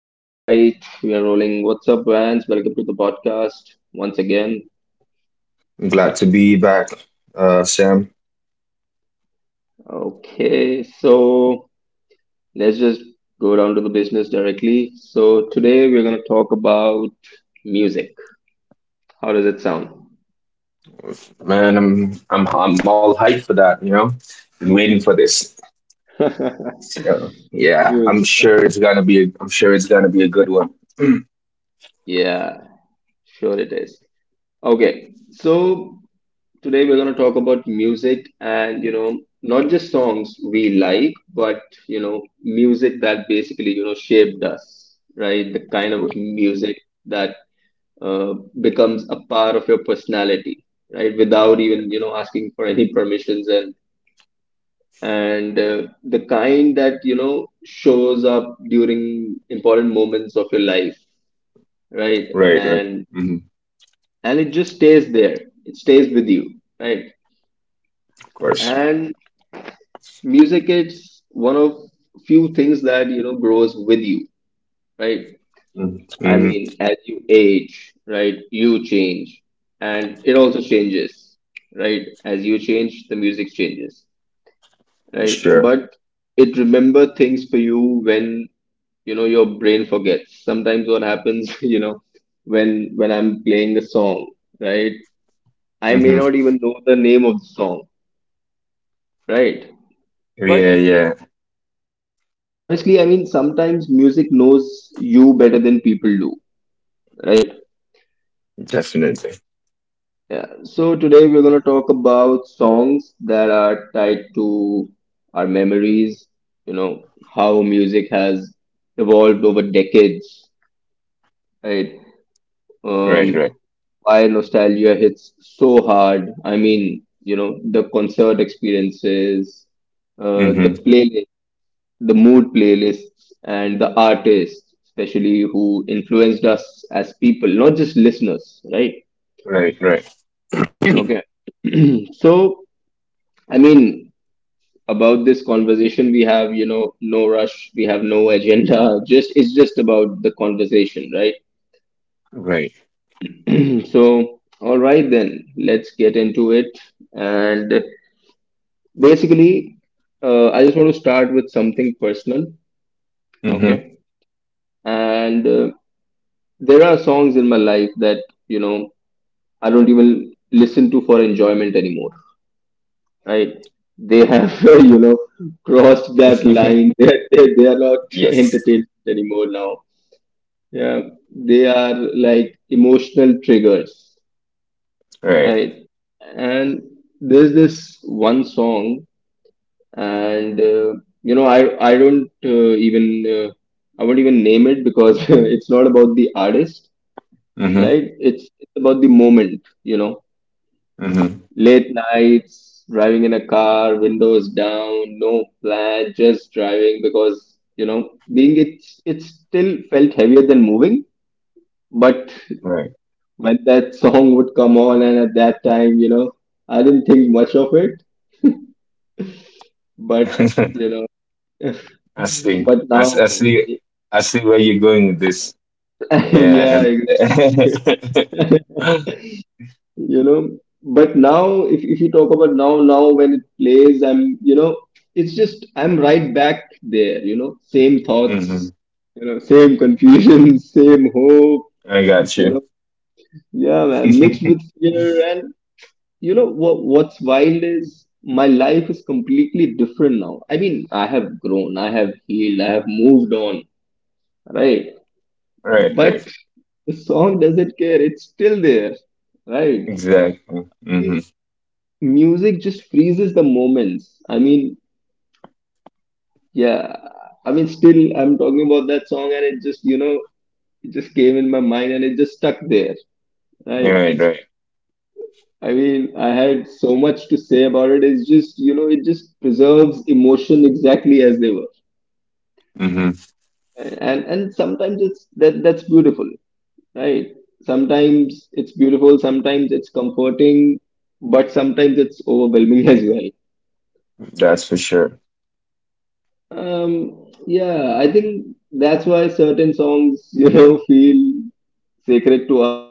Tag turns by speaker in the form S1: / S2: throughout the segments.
S1: All right, we are rolling. What's up, Vance? Welcome to the podcast once again.
S2: I'm glad to be back, Sam.
S1: Okay, so let's just go down to the business directly. So today we're going to talk about music. How does it sound?
S2: Man, I'm all hyped for that. You know, been waiting for this. So yeah,
S1: Music.
S2: I'm sure it's gonna be a good one.
S1: Yeah, sure it is. Okay, so today we're going to talk about music, and not just songs we like, but music that basically, shaped us, right? The kind of
S2: R-
S1: music that uh, becomes a part of your personality, right? Without even, you know, asking for any permissions, and the kind that, you know, shows up during important moments of your life, right?
S2: right, right.
S1: And
S2: hmm
S1: it just stays there, it stays with you, right?
S2: of course.
S1: And music is one of few things that, you know, grows with you, right?
S2: Mm-hmm,
S1: I mean,
S2: mm-hmm.
S1: as you age, right, you change, and it also changes, right? As you change, the music changes, right?
S2: Sure.
S1: But it remember things for you when, you know, your brain forgets sometimes what happens, you know, when I'm playing a song, right, I may
S2: hmm
S1: not even know the name of the song, right? But
S2: Yeah, yeah,
S1: honestly, I mean, sometimes music knows you better than people do, right?
S2: definitely.
S1: Yeah. So today we're going to talk about songs that are tied to our memories, you know, how music has evolved over decades, right?
S2: Right,
S1: Um,
S2: right.
S1: why nostalgia hits so hard. I mean, you know, the concert experiences,
S2: hmm
S1: the playlist, the mood playlists, and the artists, especially who influenced us as people, not just listeners, right?
S2: Right, right.
S1: Okay. So, I mean, about this conversation, we have, you know, no rush, we have no agenda, just it's just about the conversation, right?
S2: Right.
S1: So, all right, then let's get into it. And basically, I just want to start with something personal,
S2: hmm
S1: okay? And there are songs in my life that, you know, I don't even listen to for enjoyment anymore. Right? They have, you know, crossed that line. They are, they are not
S2: yes.
S1: entertained anymore now. Yeah, they are like emotional triggers,
S2: Right.
S1: right? And there's this one song, and you know, I don't even I won't even name it because it's not about the artist,
S2: hmm
S1: right? It's about the moment, you know.
S2: hmm
S1: Late nights, driving in a car, windows down, no plan, just driving because, you know, being it still felt heavier than moving. But
S2: Right.
S1: when that song would come on, and at that time, you know, I didn't think much of it. But, you know,
S2: I see.
S1: but
S2: I
S1: now,
S2: see. I see where you're going with this.
S1: yeah,
S2: Yeah,
S1: yeah,
S2: and
S1: exactly. You know, but now if you talk about now, now when it plays, I'm, you know, it's just I'm right back there, you know, same
S2: hmm
S1: thoughts, you know, same confusion, same hope,
S2: I got
S1: you
S2: you.
S1: know, yeah man, mixed with fear. And you know what, what's wild is my life is completely different now. I mean, I have grown, I have healed, I have moved on, right?
S2: Right,
S1: But
S2: right,
S1: the song doesn't care, it's still there, right?
S2: exactly. hmm
S1: Music just freezes the moments. I mean, yeah, I mean, still, I'm talking about that song, and it just, you know, it just came in my mind and it just stuck there, right?
S2: Right, right.
S1: I mean, I had so much to say about it. It's just, you know, it just preserves emotion exactly as they were.
S2: hmm
S1: And sometimes it's that that's beautiful, right? Sometimes it's beautiful, sometimes it's comforting, but sometimes it's overwhelming as well.
S2: That's for sure.
S1: Yeah, I think that's why certain songs, you know, feel sacred to us.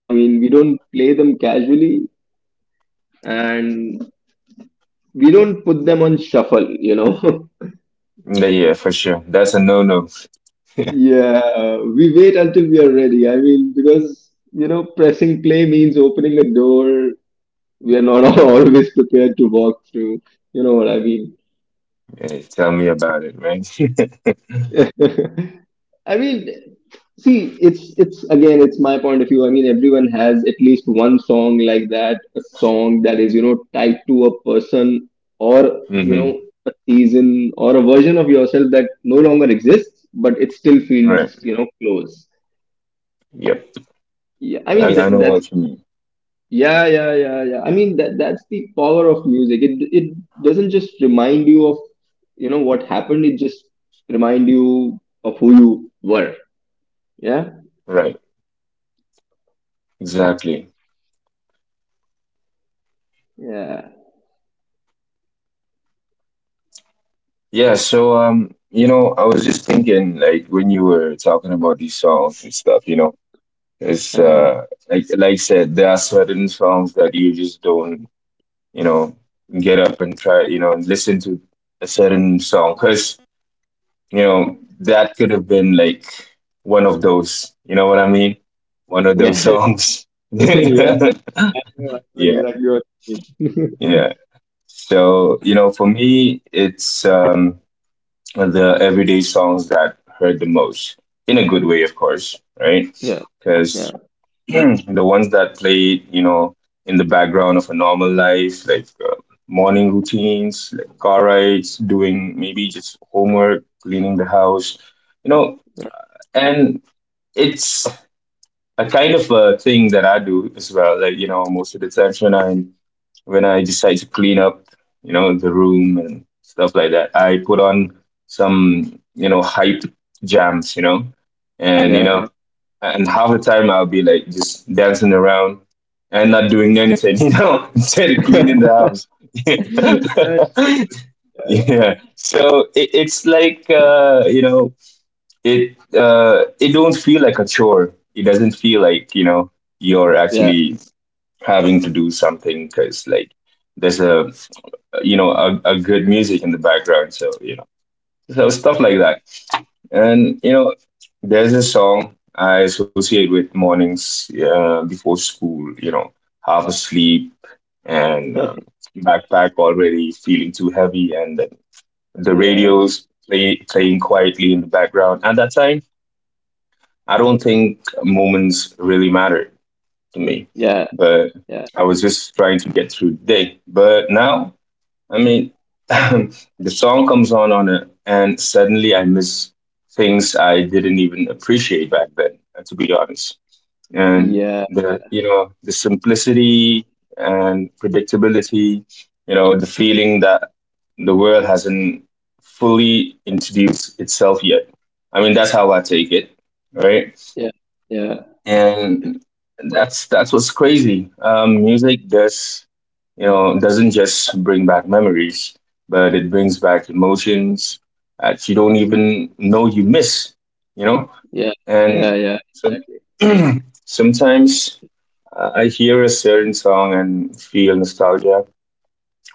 S1: I mean, we don't play them casually, and we don't put them on shuffle, you know.
S2: Yeah, yeah, for sure. That's a no-no.
S1: Yeah, we wait until we are ready. I mean, because, you know, pressing play means opening a door we are not always prepared to walk through. You know what I mean?
S2: Yeah, tell me about it, right?
S1: I mean, see, it's again, it's my point of view. I mean, everyone has at least one song like that, a song that is, you know, tied to a person or, you
S2: hmm
S1: know, a season or a version of yourself that no longer exists, but it still
S2: Right.
S1: feels, you know, close.
S2: Yep.
S1: Yeah, I mean
S2: I know
S1: that's
S2: what you mean.
S1: yeah, yeah, yeah, yeah. I mean that's the power of music. It doesn't just remind you of, you know, what happened. It just remind you of who you were. Yeah,
S2: Right. Exactly.
S1: yeah.
S2: Yeah. So, you know, I was just thinking, like, when you were talking about these songs and stuff, It's
S1: Uh-huh.
S2: like I said, there are certain songs that you just don't, you know, get up and try, you know, listen to a certain song because you know that could have been like one of those. You know what I mean? One of those
S1: Yeah.
S2: songs. Yeah,
S1: Yeah, I know exactly what you mean.
S2: yeah. So you know, for me, it's the everyday songs that hurt the most in a good way, of course, right?
S1: Yeah.
S2: because
S1: Yeah.
S2: the ones that played, you know, in the background of a normal life, like morning routines, like car rides, doing maybe just homework, cleaning the house, you know, and it's a kind of a thing that I do as well. Like, you know, most of the times when I decide to clean up, you know, the room and stuff like that, I put on some, you know, hype jams, you know, and you
S1: Yeah. Yeah.
S2: know, and half the time I'll be like just dancing around and not doing anything, you know, instead of
S1: Yeah.
S2: cleaning the house.
S1: Yeah. I got-
S2: Yeah. So it's like you know, it don't feel like a chore. It doesn't feel like you know you're
S1: Yeah.
S2: actually having to do something because like there's a you know a good music in the background. So you know, so stuff like that. And you know, there's a song I associate with mornings before school. You know, half asleep and backpack already feeling too heavy, and the
S1: Yeah.
S2: playing quietly in the background. At that time, I don't think moments really mattered to me,
S1: Yeah.
S2: but
S1: Yeah.
S2: I was just trying to get through the day. But now I mean, the song comes on it, and suddenly I miss things I didn't even appreciate back then, to be honest. And
S1: Yeah.
S2: the you know the simplicity and predictability, you know, the feeling that the world hasn't fully introduced itself yet. I mean, that's how I take it, right?
S1: Yeah. Yeah.
S2: And that's what's crazy. Music does you know doesn't just bring back memories, but it brings back emotions that you don't even know you miss. You know,
S1: Yeah. Yeah.
S2: and
S1: Yeah.
S2: so sometimes I hear a certain song and feel nostalgia,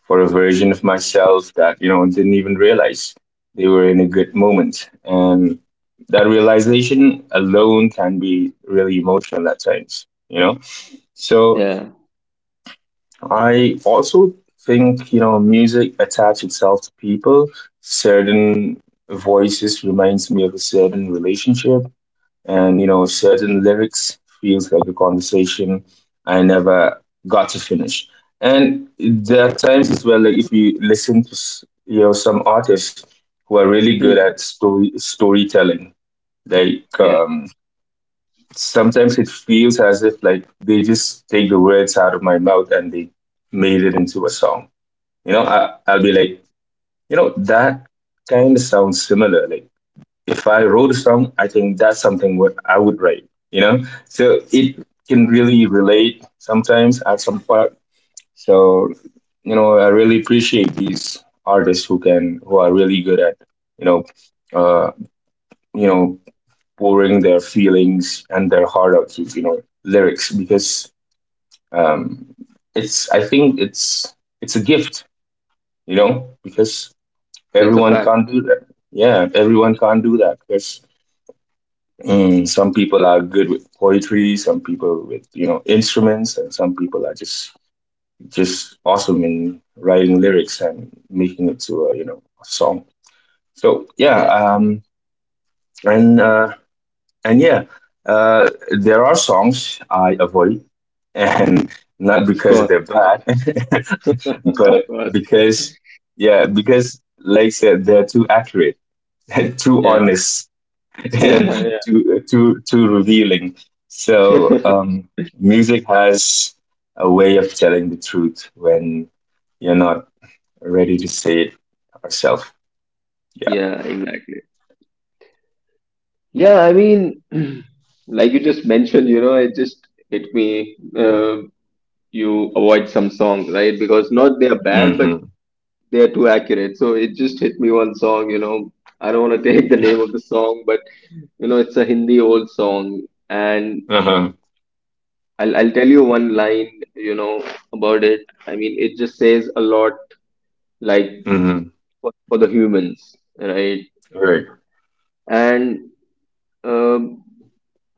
S2: for a version of myself that you know didn't even realize they were in a good moment, and that realization alone can be really emotional at times, you know. So
S1: Yeah.
S2: I also think you know music attaches itself to people, certain voices reminds me of a certain relationship, and you know certain lyrics feels like a conversation I never got to finish. And there are times as well, like if you listen to you know some artists who are really good
S1: Hmm.
S2: at storytelling, like
S1: Yeah.
S2: sometimes it feels as if like they just take the words out of my mouth and they made it into a song. You know, I'll be like you know that kind of sounds similar. Like if I wrote a song, I think that's something what I would write, you know? So it can really relate sometimes at some part. So, you know, I really appreciate these artists who can, who are really good at, you know, uh, you know, pouring their feelings and their heart out through, you know, lyrics because um, I think it's a gift, you know, because
S1: That's a
S2: everyone
S1: fact.
S2: can't do that. Yeah, everyone can't do that because Mm, some people are good with poetry, some people with you know instruments, and some people are just awesome in writing lyrics and making it to a you know a song. So yeah,
S1: Yeah.
S2: and uh, and yeah, uh, there are songs I avoid, and not
S1: Of
S2: because
S1: course.
S2: they're bad,
S1: Of
S2: but
S1: course.
S2: because yeah, because like I said, they're too accurate, too
S1: Yeah.
S2: honest than
S1: Yeah.
S2: too revealing. So
S1: Yeah.
S2: music has a way of telling the truth when you're not ready to say it yourself. Yeah.
S1: Yeah. Exactly. Yeah. I mean, like you just mentioned, you know, it just hit me. You avoid some songs, right? Because not they are bad, but
S2: hmm
S1: they are too accurate. So it just hit me one song, you know. I don't want to take the name of the song, but you know, it's a Hindi old song, and
S2: Uh-huh.
S1: I'll tell you one line, you know, about it. I mean, it just says a lot, like
S2: hmm
S1: for the humans, right?
S2: Right.
S1: And um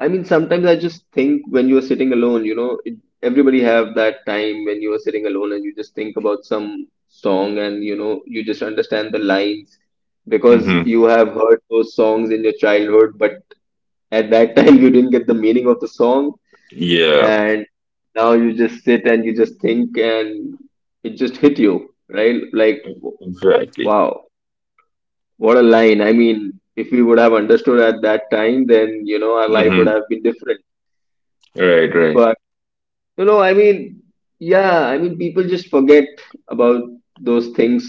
S1: I mean, sometimes I just think when you are sitting alone, you know, it, everybody have that time when you are sitting alone and you just think about some song, and you know, you just understand the lines because
S2: hmm
S1: you have heard those songs in your childhood, but at that time you didn't get the meaning of the song,
S2: Yeah.
S1: and now you just sit and you just think, and it just hit you, right? Like,
S2: Exactly.
S1: wow, what a line! I mean, if we would have understood at that time, then you know our life would
S2: hmm
S1: have been different,
S2: Right. Right.
S1: but you know, I mean, yeah, I mean, people just forget about those things,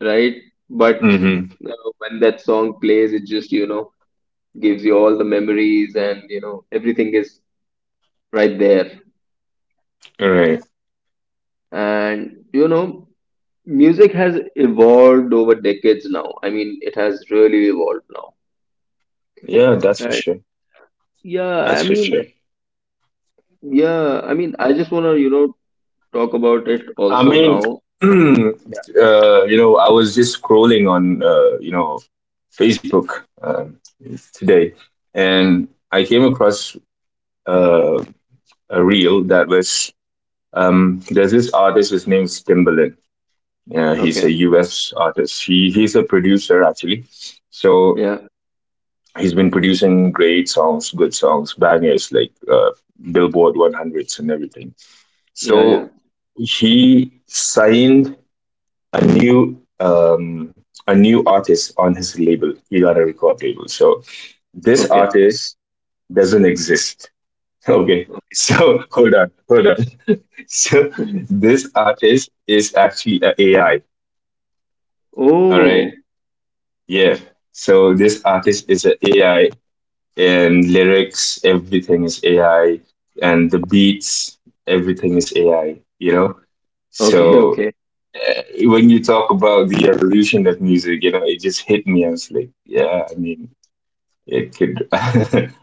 S1: right? But
S2: hmm
S1: you know, when that song plays, it just, you know, gives you all the memories and, you know, everything is right there.
S2: Right.
S1: And, you know, music has evolved over decades now. I mean, it has really evolved now.
S2: Yeah. That's for
S1: And
S2: sure.
S1: yeah,
S2: That's
S1: I
S2: for
S1: mean,
S2: sure.
S1: yeah, I mean, I just want to, you know, talk about it
S2: I
S1: also
S2: mean,
S1: now.
S2: you know, I was just scrolling on, you know, Facebook today, and I came across uh, a reel that was there's this artist. His name is Timbaland.
S1: Yeah.
S2: He's a
S1: Okay.
S2: U.S. artist. He's a producer actually, so
S1: Yeah.
S2: he's been producing great songs, good songs, bangers like Billboard 100's and everything.
S1: Yeah. Yeah.
S2: So he signed a new um, a new artist on his label, Ilana Record label. So this
S1: Okay.
S2: artist doesn't exist. Okay. So hold on, hold on. So this artist is actually an AI. All right.
S1: Oh.
S2: Yeah. So this artist is an AI, and lyrics, everything is AI, and the beats, everything is AI, you know?
S1: Okay,
S2: So.
S1: okay.
S2: Uh, when you talk about the evolution of music, you know, it just hit me. I was like, yeah, I mean, it could,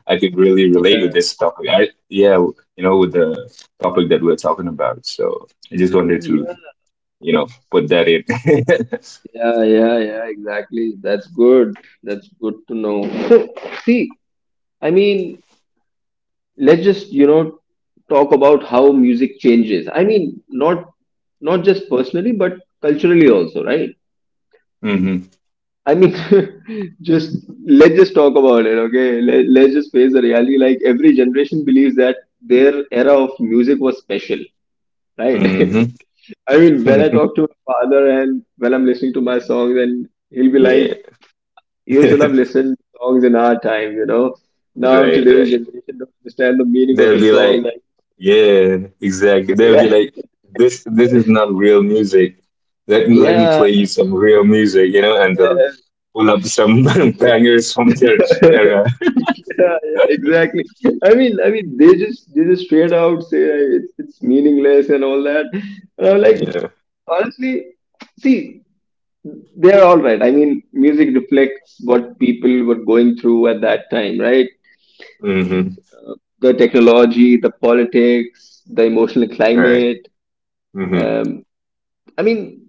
S2: I could really
S1: Yeah,
S2: relate with this topic. I, yeah, you know, with the topic that we're talking about. So I just wanted to,
S1: yeah,
S2: you know, put that in.
S1: yeah, exactly. That's good. That's good to know. So, see, I mean, let's just, you know, talk about how music changes. I mean, not just personally, but culturally also, right?
S2: hmm
S1: I mean, just let's just talk about it, okay? Let's just face the reality. Like every generation believes that their era of music was special, right?
S2: hmm
S1: I mean, when I talk to my father and when I'm listening to my songs, and he'll be like,
S2: yeah.
S1: "You should have listened to songs in our time, you know. Now
S2: Right. Right.
S1: today's generation don't understand the meaning of
S2: They'll
S1: the
S2: be
S1: song."
S2: like,
S1: Like,
S2: yeah, exactly. They'll
S1: yeah,
S2: be like, this is not real music. Let me
S1: yeah,
S2: play you some real music, you know, and they'll
S1: yeah,
S2: pull up some bangers from their
S1: yeah,
S2: era.
S1: yeah, exactly. I mean, they just straight out say like, it's meaningless and all that. And I'm like,
S2: Yeah.
S1: honestly, see, they're all right. I mean, music reflects what people were going through at that time, right?
S2: Mm-hmm.
S1: The technology, the politics, the emotional
S2: All right.
S1: climate.
S2: Mm-hmm.
S1: Um, I mean,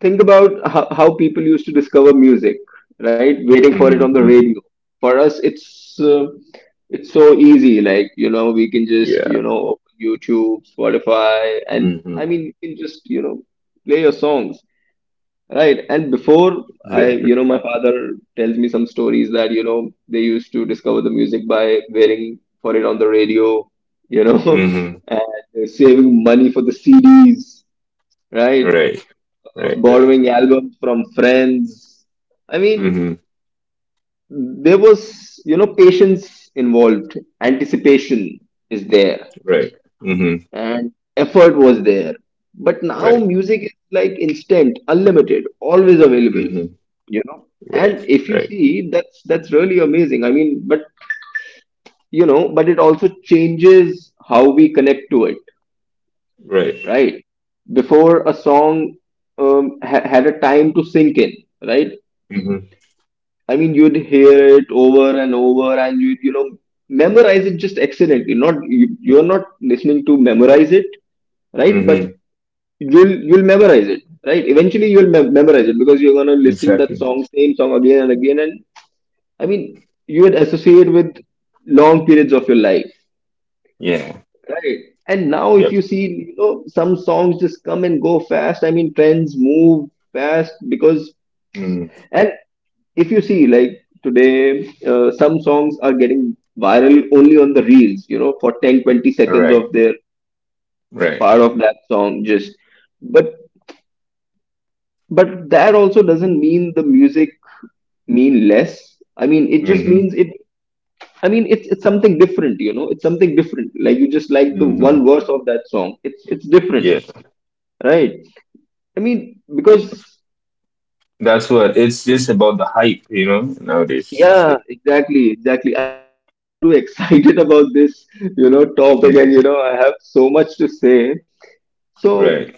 S1: think about how people used to discover music, right? Waiting for it on
S2: Mm-hmm.
S1: the
S2: Mm-hmm.
S1: radio. For us, it's so easy. Like you know, we can just,
S2: Yeah.
S1: you know, open YouTube, Spotify, and I
S2: Mm-hmm.
S1: mean, you can just, you know, play your songs. Right. And before you
S2: Exactly.
S1: know, my father tells me some stories that, you know, they used to discover the music by waiting for it on the radio, you know,
S2: Mm-hmm.
S1: and saving money for the CDs, right?
S2: Right. Right. Right.
S1: Borrowing albums from friends. I mean,
S2: Mm-hmm.
S1: there was, you know, patience involved, anticipation is there,
S2: Right. Mm-hmm.
S1: and effort was there. But now
S2: Right.
S1: music is like instant, unlimited, always available,
S2: Mm-hmm.
S1: you know.
S2: Right.
S1: And if you
S2: Right.
S1: see, that's really amazing. I mean, but you know, but it also changes how we connect to it,
S2: Right.
S1: right? Before a song had a time to sink in, right?
S2: Mm-hmm.
S1: I mean, you'd hear it over and over, and you know, memorize it just accidentally. Not you, you're not listening to memorize it, right? But
S2: Mm-hmm.
S1: you'll memorize it, right? Eventually you'll memorize it because you're going
S2: Exactly.
S1: to listen that song, same song again and again. And I mean, you would associate with long periods of your life,
S2: Yeah.
S1: right? And now if
S2: Yep.
S1: you see, you know, some songs just come and go fast. I mean, trends move fast because,
S2: Mm-hmm.
S1: and if you see like today, some songs are getting viral only on the reels, you know, for 10-20 seconds
S2: Right.
S1: of their
S2: Right.
S1: part of that song just. but but that also doesn't mean the music mean less. I mean, it just
S2: hmm
S1: means it. I mean, it's something different, you know. It's something different. Like you just like the
S2: hmm
S1: one verse of that song. It's different,
S2: Yeah.
S1: right? I mean, because
S2: It, that's what it's just about the hype, you know, nowadays. It's
S1: yeah,
S2: like,
S1: exactly, exactly. I mean, I'm getting too excited about this, topic, and
S2: mhm.
S1: I have so much to say. So
S2: Right.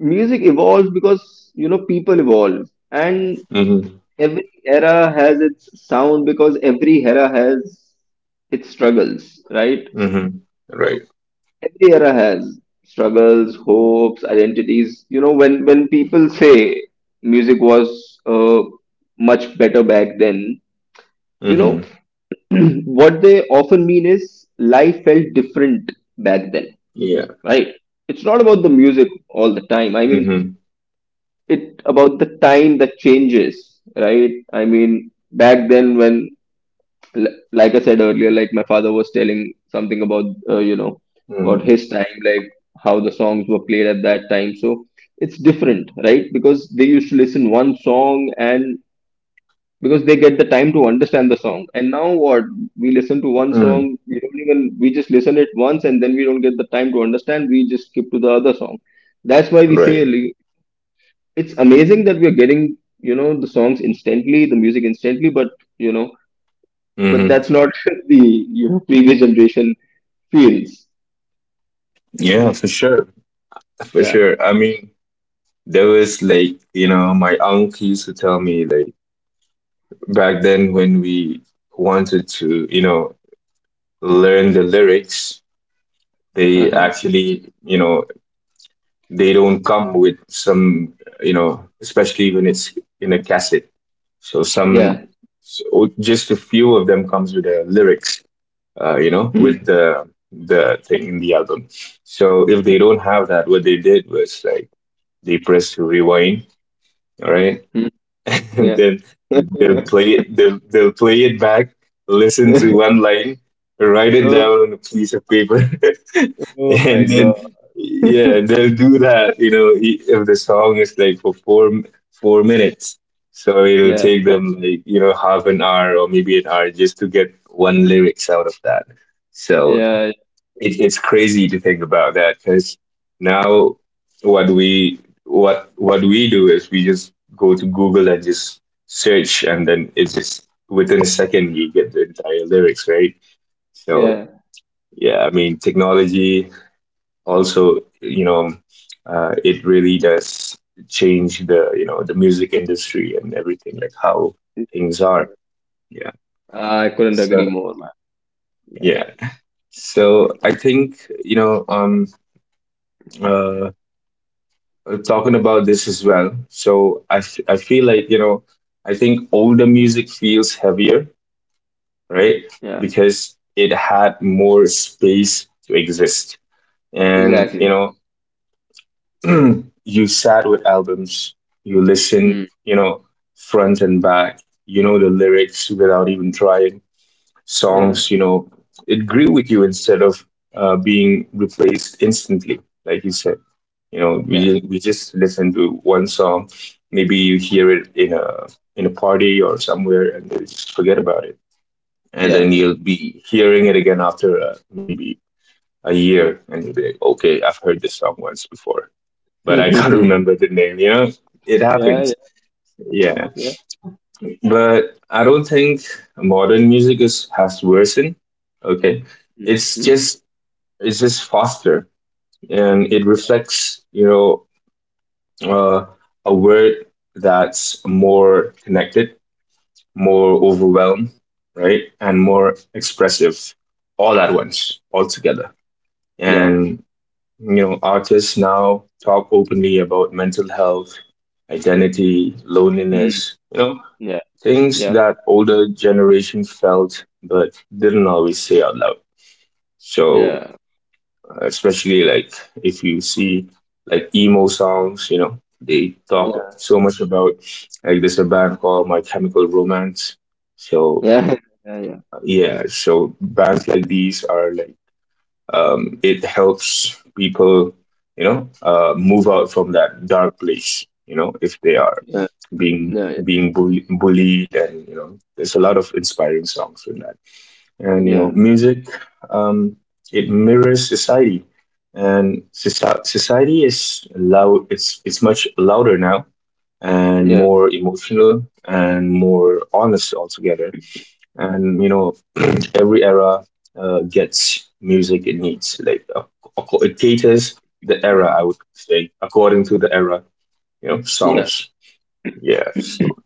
S1: music evolves because you know people evolve, and
S2: hmm
S1: every era has its sound because every era has its struggles, right?
S2: hmm Right.
S1: Every era has struggles, hopes, identities. You know, when people say music was uh, much better back then, you know,
S2: hmm
S1: what they often mean is life felt different back then,
S2: Yeah.
S1: right? It's not about the music all the time. I mean,
S2: hmm
S1: it about the time that changes, right? I mean, back then when like I said earlier, like my father was telling something about you know about
S2: hmm
S1: his time, like how the songs were played at that time. So it's different, right? Because they used to listen one song and because they get the time to understand the song. And now what? We listen to one
S2: hmm
S1: song, we don't even we just listen it once and then we don't get the time to understand. We just skip to the other song. That's why we
S2: Right.
S1: say like, it's amazing that we are getting you know the songs instantly, the music instantly, but you know but
S2: hmm
S1: that's not the previous generation feels.
S2: Yeah, for sure. For
S1: Yeah.
S2: sure. I mean, there was like, you know, my uncle used to tell me like back then when we wanted to, you know, learn the lyrics, they
S1: Uh-huh.
S2: actually, you know, they don't come with some, you know, especially when it's in a cassette. So
S1: Yeah.
S2: some, so just a few of them comes with the lyrics, you know,
S1: Mhm.
S2: with the thing in the album. So if they don't have that, what they did was like they pressed rewind, right?
S1: Mhm. Yeah.
S2: they'll, they'll play it back, listen to one line, write it
S1: Oh,
S2: down on a piece of paper.
S1: oh my
S2: And then
S1: God.
S2: yeah, they'll do that you know if the song is like for 4 minutes, so it'll
S1: Yeah.
S2: take them like you know 1/2 hour or maybe an hour just to get one lyrics out of that. So
S1: Yeah.
S2: it, it's crazy to think about that because now what we what we do is we just go to Google and just search, and then it's just within a second you get the entire lyrics, right? So
S1: Yeah.
S2: yeah, I mean technology also you know it really does change the you know the music industry and everything, like how things are. Yeah,
S1: I couldn't
S2: so
S1: agree more, man. Yeah.
S2: yeah. So I think you know uh, talking about this as well. So I feel like, you know, I think older music feels heavier, right?
S1: Yeah.
S2: Because it had more space to exist. And, you
S1: Exactly.
S2: know, you sat with albums, you
S1: Hmm.
S2: listened, you know, front and back, you know, the lyrics without even trying
S1: Yeah.
S2: songs, you know, it grew with you instead of being replaced instantly, like you said. You know, we
S1: Yeah.
S2: didn't- we just listen to one song, maybe you hear it in a party or somewhere, and then you just forget about it, and then
S1: Yeah.
S2: you'll be hearing it again after maybe a year, and you'll be like, okay, I've heard this song once before, but I can't
S1: Yeah.
S2: remember the name. You know, it
S1: Yeah.
S2: happens. Yeah,
S1: Yeah.
S2: but I don't think modern music is has worsened. Okay, it's
S1: Mhm.
S2: just it's just faster, and it reflects you know uh, a word that's more connected, more overwhelmed, right, and more expressive all at once, all together.
S1: Yeah.
S2: And artists now talk openly about mental health, identity,
S1: Hmm.
S2: loneliness,
S1: Yeah.
S2: things
S1: Yeah.
S2: that older generation felt but didn't always say out loud. So
S1: Yeah.
S2: especially like if you see like emo songs, they talk
S1: Yeah.
S2: so much about like there's a band called My Chemical Romance. So
S1: Yeah. Yeah.
S2: yeah, so bands like these are like it helps people, move out from that dark place, you know, if they are
S1: Yeah.
S2: being being bullied, and you know there's a lot of inspiring songs in that.
S1: Yeah.
S2: And you
S1: Yeah.
S2: know
S1: Yeah.
S2: music, um, it mirrors society, and society is loud. It's much louder now, and
S1: Yeah.
S2: more emotional and more honest altogether. And you know, every era gets music it needs, like it caters the era, I would say. According to the era, you know,
S1: Yeah.
S2: songs. Yeah, so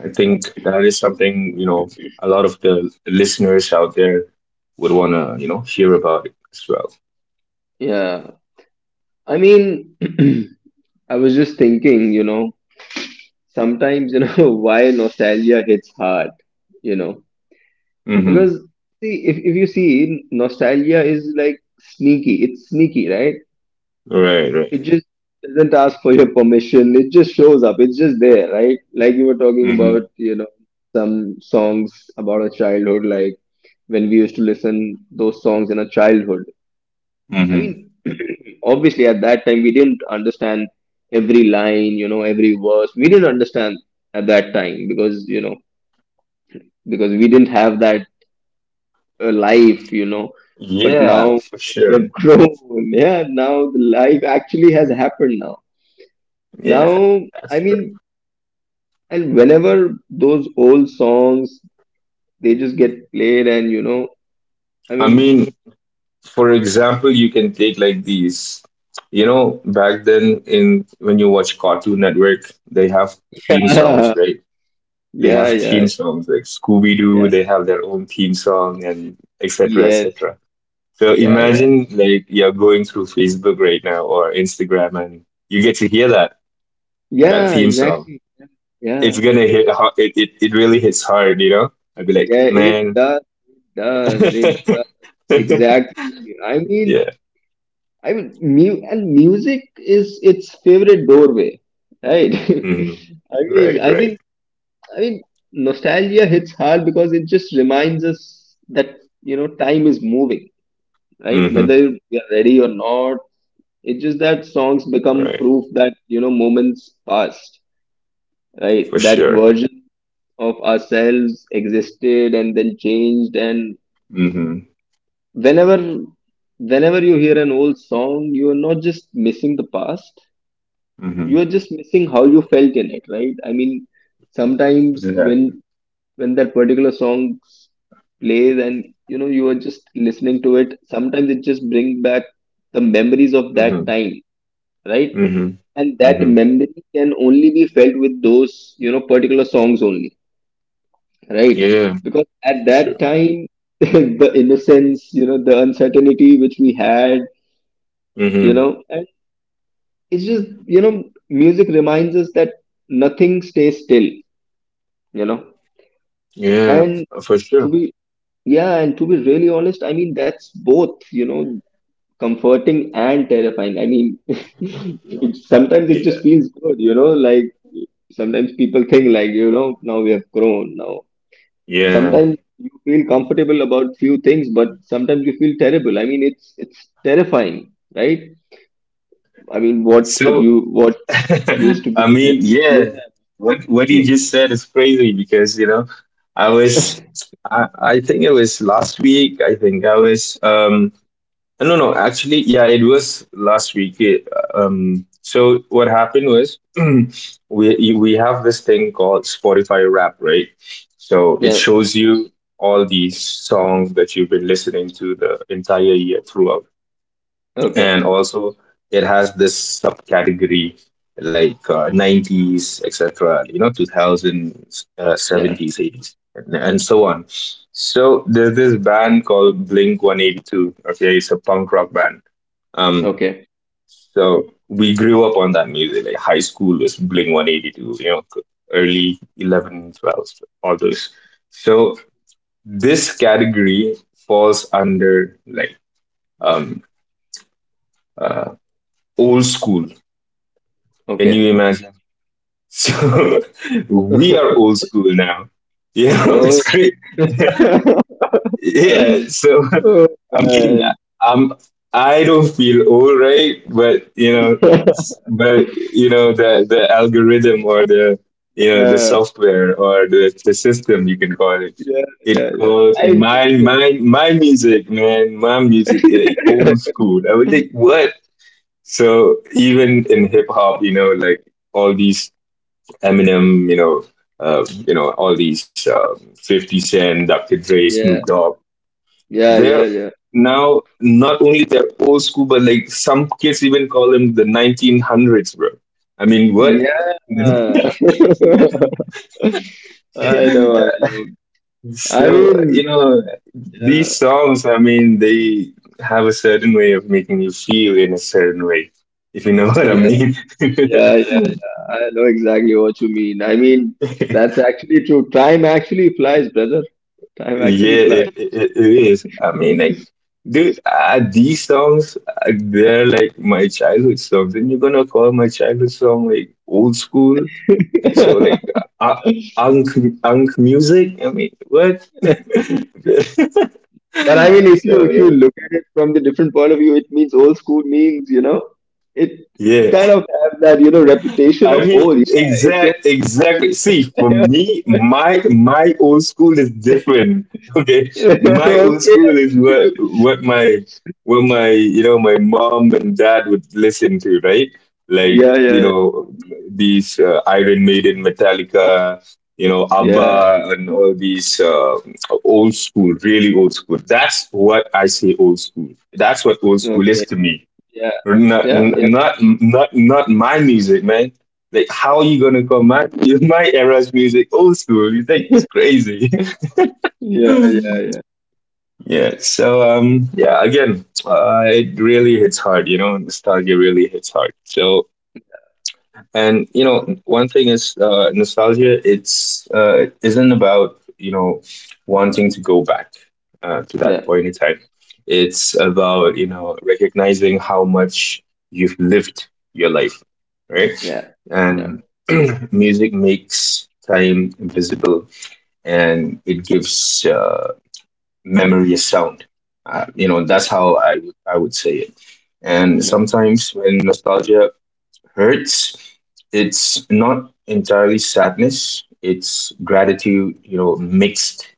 S2: I think that is something, you know, a lot of the listeners out there would want to, you know, hear about it as well.
S1: Yeah. I mean, I was just thinking, you know, sometimes, you know, why nostalgia hits hard, you know, because
S2: Mm-hmm.
S1: see, if you see, nostalgia is like sneaky, it's sneaky, right?
S2: Right,
S1: It
S2: right.
S1: just doesn't ask for your permission, it just shows up, it's just there, right? Like you were talking
S2: Mm-hmm.
S1: about, you know, some songs about our childhood, like when we used to listen those songs in our childhood. I
S2: Mm-hmm.
S1: mean, obviously at that time we didn't understand every line, you know, every verse. We didn't understand at that time because, you know, because we didn't have that life, you know. But
S2: Yeah,
S1: now
S2: for
S1: we
S2: sure.
S1: have grown. Yeah, now the life actually has happened now.
S2: Yeah,
S1: Now, I
S2: that's right.
S1: mean, and whenever those old songs, they just get played and, you know, I
S2: I
S1: mean,
S2: mean, for example, you can take like these, you know, back then in when you watch Cartoon Network, they have theme songs, right? They
S1: yeah, yeah,
S2: have
S1: yeah,
S2: theme songs like Scooby Doo.
S1: yeah,
S2: They have their own theme song, and etc.
S1: yes,
S2: etc. So
S1: yeah, yeah,
S2: imagine like you're going through Facebook right now or Instagram, and you get to hear that
S1: yeah,
S2: theme song.
S1: exactly.
S2: It's
S1: Yeah.
S2: gonna hit. It really hits hard, you know. I'd be like,
S1: Yeah, it
S2: man,
S1: does, it does exactly. I mean,
S2: yeah.
S1: I mean, mu and music is its favorite doorway, right?
S2: Hmm.
S1: I mean,
S2: Right,
S1: I
S2: right.
S1: think, I mean, nostalgia hits hard because it just reminds us that you know time is moving, right?
S2: Hmm.
S1: Whether we are ready or not, it's just that
S2: Right.
S1: songs become proof that you know moments passed,
S2: For
S1: right? That
S2: sure.
S1: version of ourselves existed and then changed. And
S2: Hmm.
S1: whenever whenever you hear an old song, you are not just missing the past, you
S2: Hmm.
S1: are just missing how you felt in it, right? I mean, sometimes when
S2: Exactly.
S1: that particular song plays and you know you are just listening to it, sometimes it just brings back the memories of that
S2: Hmm.
S1: time, right?
S2: Hmm.
S1: And that
S2: Hmm.
S1: memory can only be felt with those you know particular songs only, right?
S2: Yeah,
S1: Because at
S2: for sure.
S1: that time the innocence, you know, the uncertainty which we had, you
S2: Hmm.
S1: know. And it's just, you know, music reminds us that nothing stays still, you know.
S2: Yeah,
S1: And
S2: for
S1: to
S2: sure.
S1: be, yeah, and to be really honest, I mean, that's both you know comforting and terrifying. I mean, it sometimes it
S2: Yeah.
S1: just feels good, you know, like sometimes people think like you know now we have grown now,
S2: Yeah.
S1: sometimes you feel comfortable about few things but sometimes you feel terrible. I mean, it's terrifying, right? I mean, what it
S2: So,
S1: you what used to be.
S2: I
S1: And
S2: mean, yeah. What
S1: yeah.
S2: you just said is crazy because, you know, I was I think it was last week. I think I was, no, no, actually, yeah, it was last week. So what happened was, we have this thing called Spotify Wrap, right? So it
S1: Yeah.
S2: shows you all these songs that you've been listening to the entire year throughout, and
S1: Okay.
S2: also it has this subcategory like 90s, etc., you know, 2000s,
S1: Yeah.
S2: 70s, 80s, and so on. So there's this band called blink 182, okay, it's a punk rock band. um
S1: Okay.
S2: so we grew up on that music, like high school was blink 182, you know, early 11, 12, all those. So this category falls under like, um uh, old school. Can you
S1: Okay.
S2: imagine? So we are old school now. You know, it's
S1: Oh.
S2: great. Yeah. So
S1: Oh
S2: I mean,
S1: man.
S2: I'm I don't feel old, right? But you know, but you know the algorithm, or the, you know, the
S1: Yeah.
S2: software, or the system, you can call it.
S1: Yeah.
S2: It
S1: Yeah. Yeah.
S2: calls
S1: Time
S2: my
S1: changes.
S2: my my music, man. My music, old school. I was like, what? So even in hip hop, you know, like all these Eminem, you know, all these 50 Cent, Dr. Dre, Snoop
S1: Yeah.
S2: Dogg.
S1: Yeah.
S2: They're
S1: Yeah. Yeah.
S2: now, not only they're old school, but like some kids even call them the 1900s, bro. I mean, what?
S1: Yeah. I know. I know. I
S2: So
S1: mean,
S2: you know,
S1: yeah.
S2: these songs. I mean, they have a certain way of making you feel in a certain way, if you know what I
S1: Yeah.
S2: mean.
S1: Yeah. Yeah. I know exactly what you mean. I mean, that's actually true. Time actually flies, brother. Time
S2: Yeah,
S1: actually flies.
S2: it is. I mean, like, dude, these songs, they're like my childhood songs. And you're gonna call my childhood song like old school? Like, so, like, unk, unk music? I mean, what?
S1: But I mean,
S2: So,
S1: if
S2: yeah.
S1: you look at it from the different point of view, it means old school means you know it
S2: Yeah.
S1: kind of have that you know reputation
S2: I
S1: of
S2: mean,
S1: old. Yeah, it's old.
S2: exactly. See, for me, my old school is different. Okay, my old
S1: Okay.
S2: school is what my you know my mom and dad would listen to, right? Like,
S1: Yeah,
S2: you
S1: yeah,
S2: know, these Iron Maiden, Metallica, you know,
S1: yeah.
S2: ABBA, and all these old school, really old school. That's what I say old school. That's what old school is
S1: Okay.
S2: to me.
S1: Yeah,
S2: Not,
S1: yeah, yeah,
S2: not, not, not my music, man. Like, how are you gonna call my era's music old school? You think it's crazy?
S1: yeah, yeah, yeah,
S2: Yeah. So, yeah. Again, it really hits hard. You know, nostalgia really hits hard. So, and you know, one thing is nostalgia. It's it isn't about, you know, wanting to go back to that
S1: yeah,
S2: point in time. It's about, you know, recognizing how much you've lived your life, right?
S1: yeah, yeah,
S2: And music makes time invisible, and it gives memory a sound. You know, that's
S1: yeah,
S2: how I would say it. And
S1: yeah,
S2: sometimes when nostalgia hurts, it's not entirely sadness. It's gratitude, you know, mixed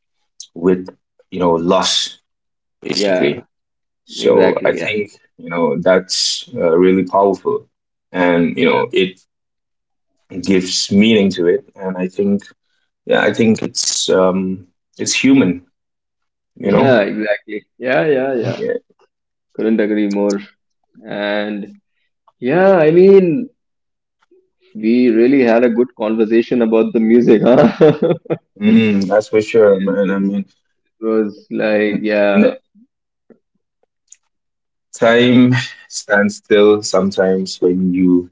S2: with, you know, loss,
S1: yeah.
S2: basically. So
S1: Exactly.
S2: I
S1: Yeah,
S2: think, you know, that's really powerful. And, you
S1: yeah,
S2: know, it gives meaning to it. And I think, yeah, I think it's human, you know?
S1: yeah. Exactly. Yeah, yeah, yeah.
S2: Yeah.
S1: Couldn't agree more. And yeah, I mean, we really had a good conversation about the music, huh?
S2: That's for sure, man. I mean,
S1: It was like,
S2: and,
S1: yeah,
S2: and time stands still sometimes when you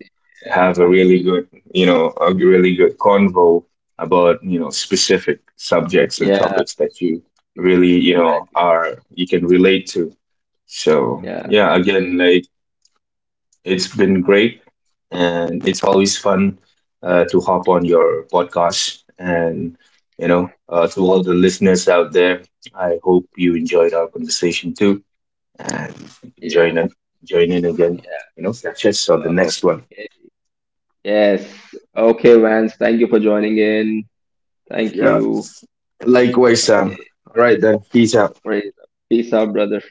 S2: have a really good, you know, a really good convo about, you know, specific subjects and
S1: yeah,
S2: topics that you really, you know,
S1: exactly.
S2: are you can relate to. So,
S1: Yeah,
S2: yeah, again, like, it's been great and it's always fun to hop on your podcast. And, you know, to all the listeners out there, I hope you enjoyed our conversation too, and
S1: yeah,
S2: join in, join in again.
S1: yeah.
S2: You know, catch us on the next one.
S1: Okay. Yes. Okay, Vance, thank you for joining in. Thank
S2: Yeah.
S1: you.
S2: Likewise, Sam.
S1: Okay,
S2: All right then. Peace out.
S1: praise. Peace out, brother.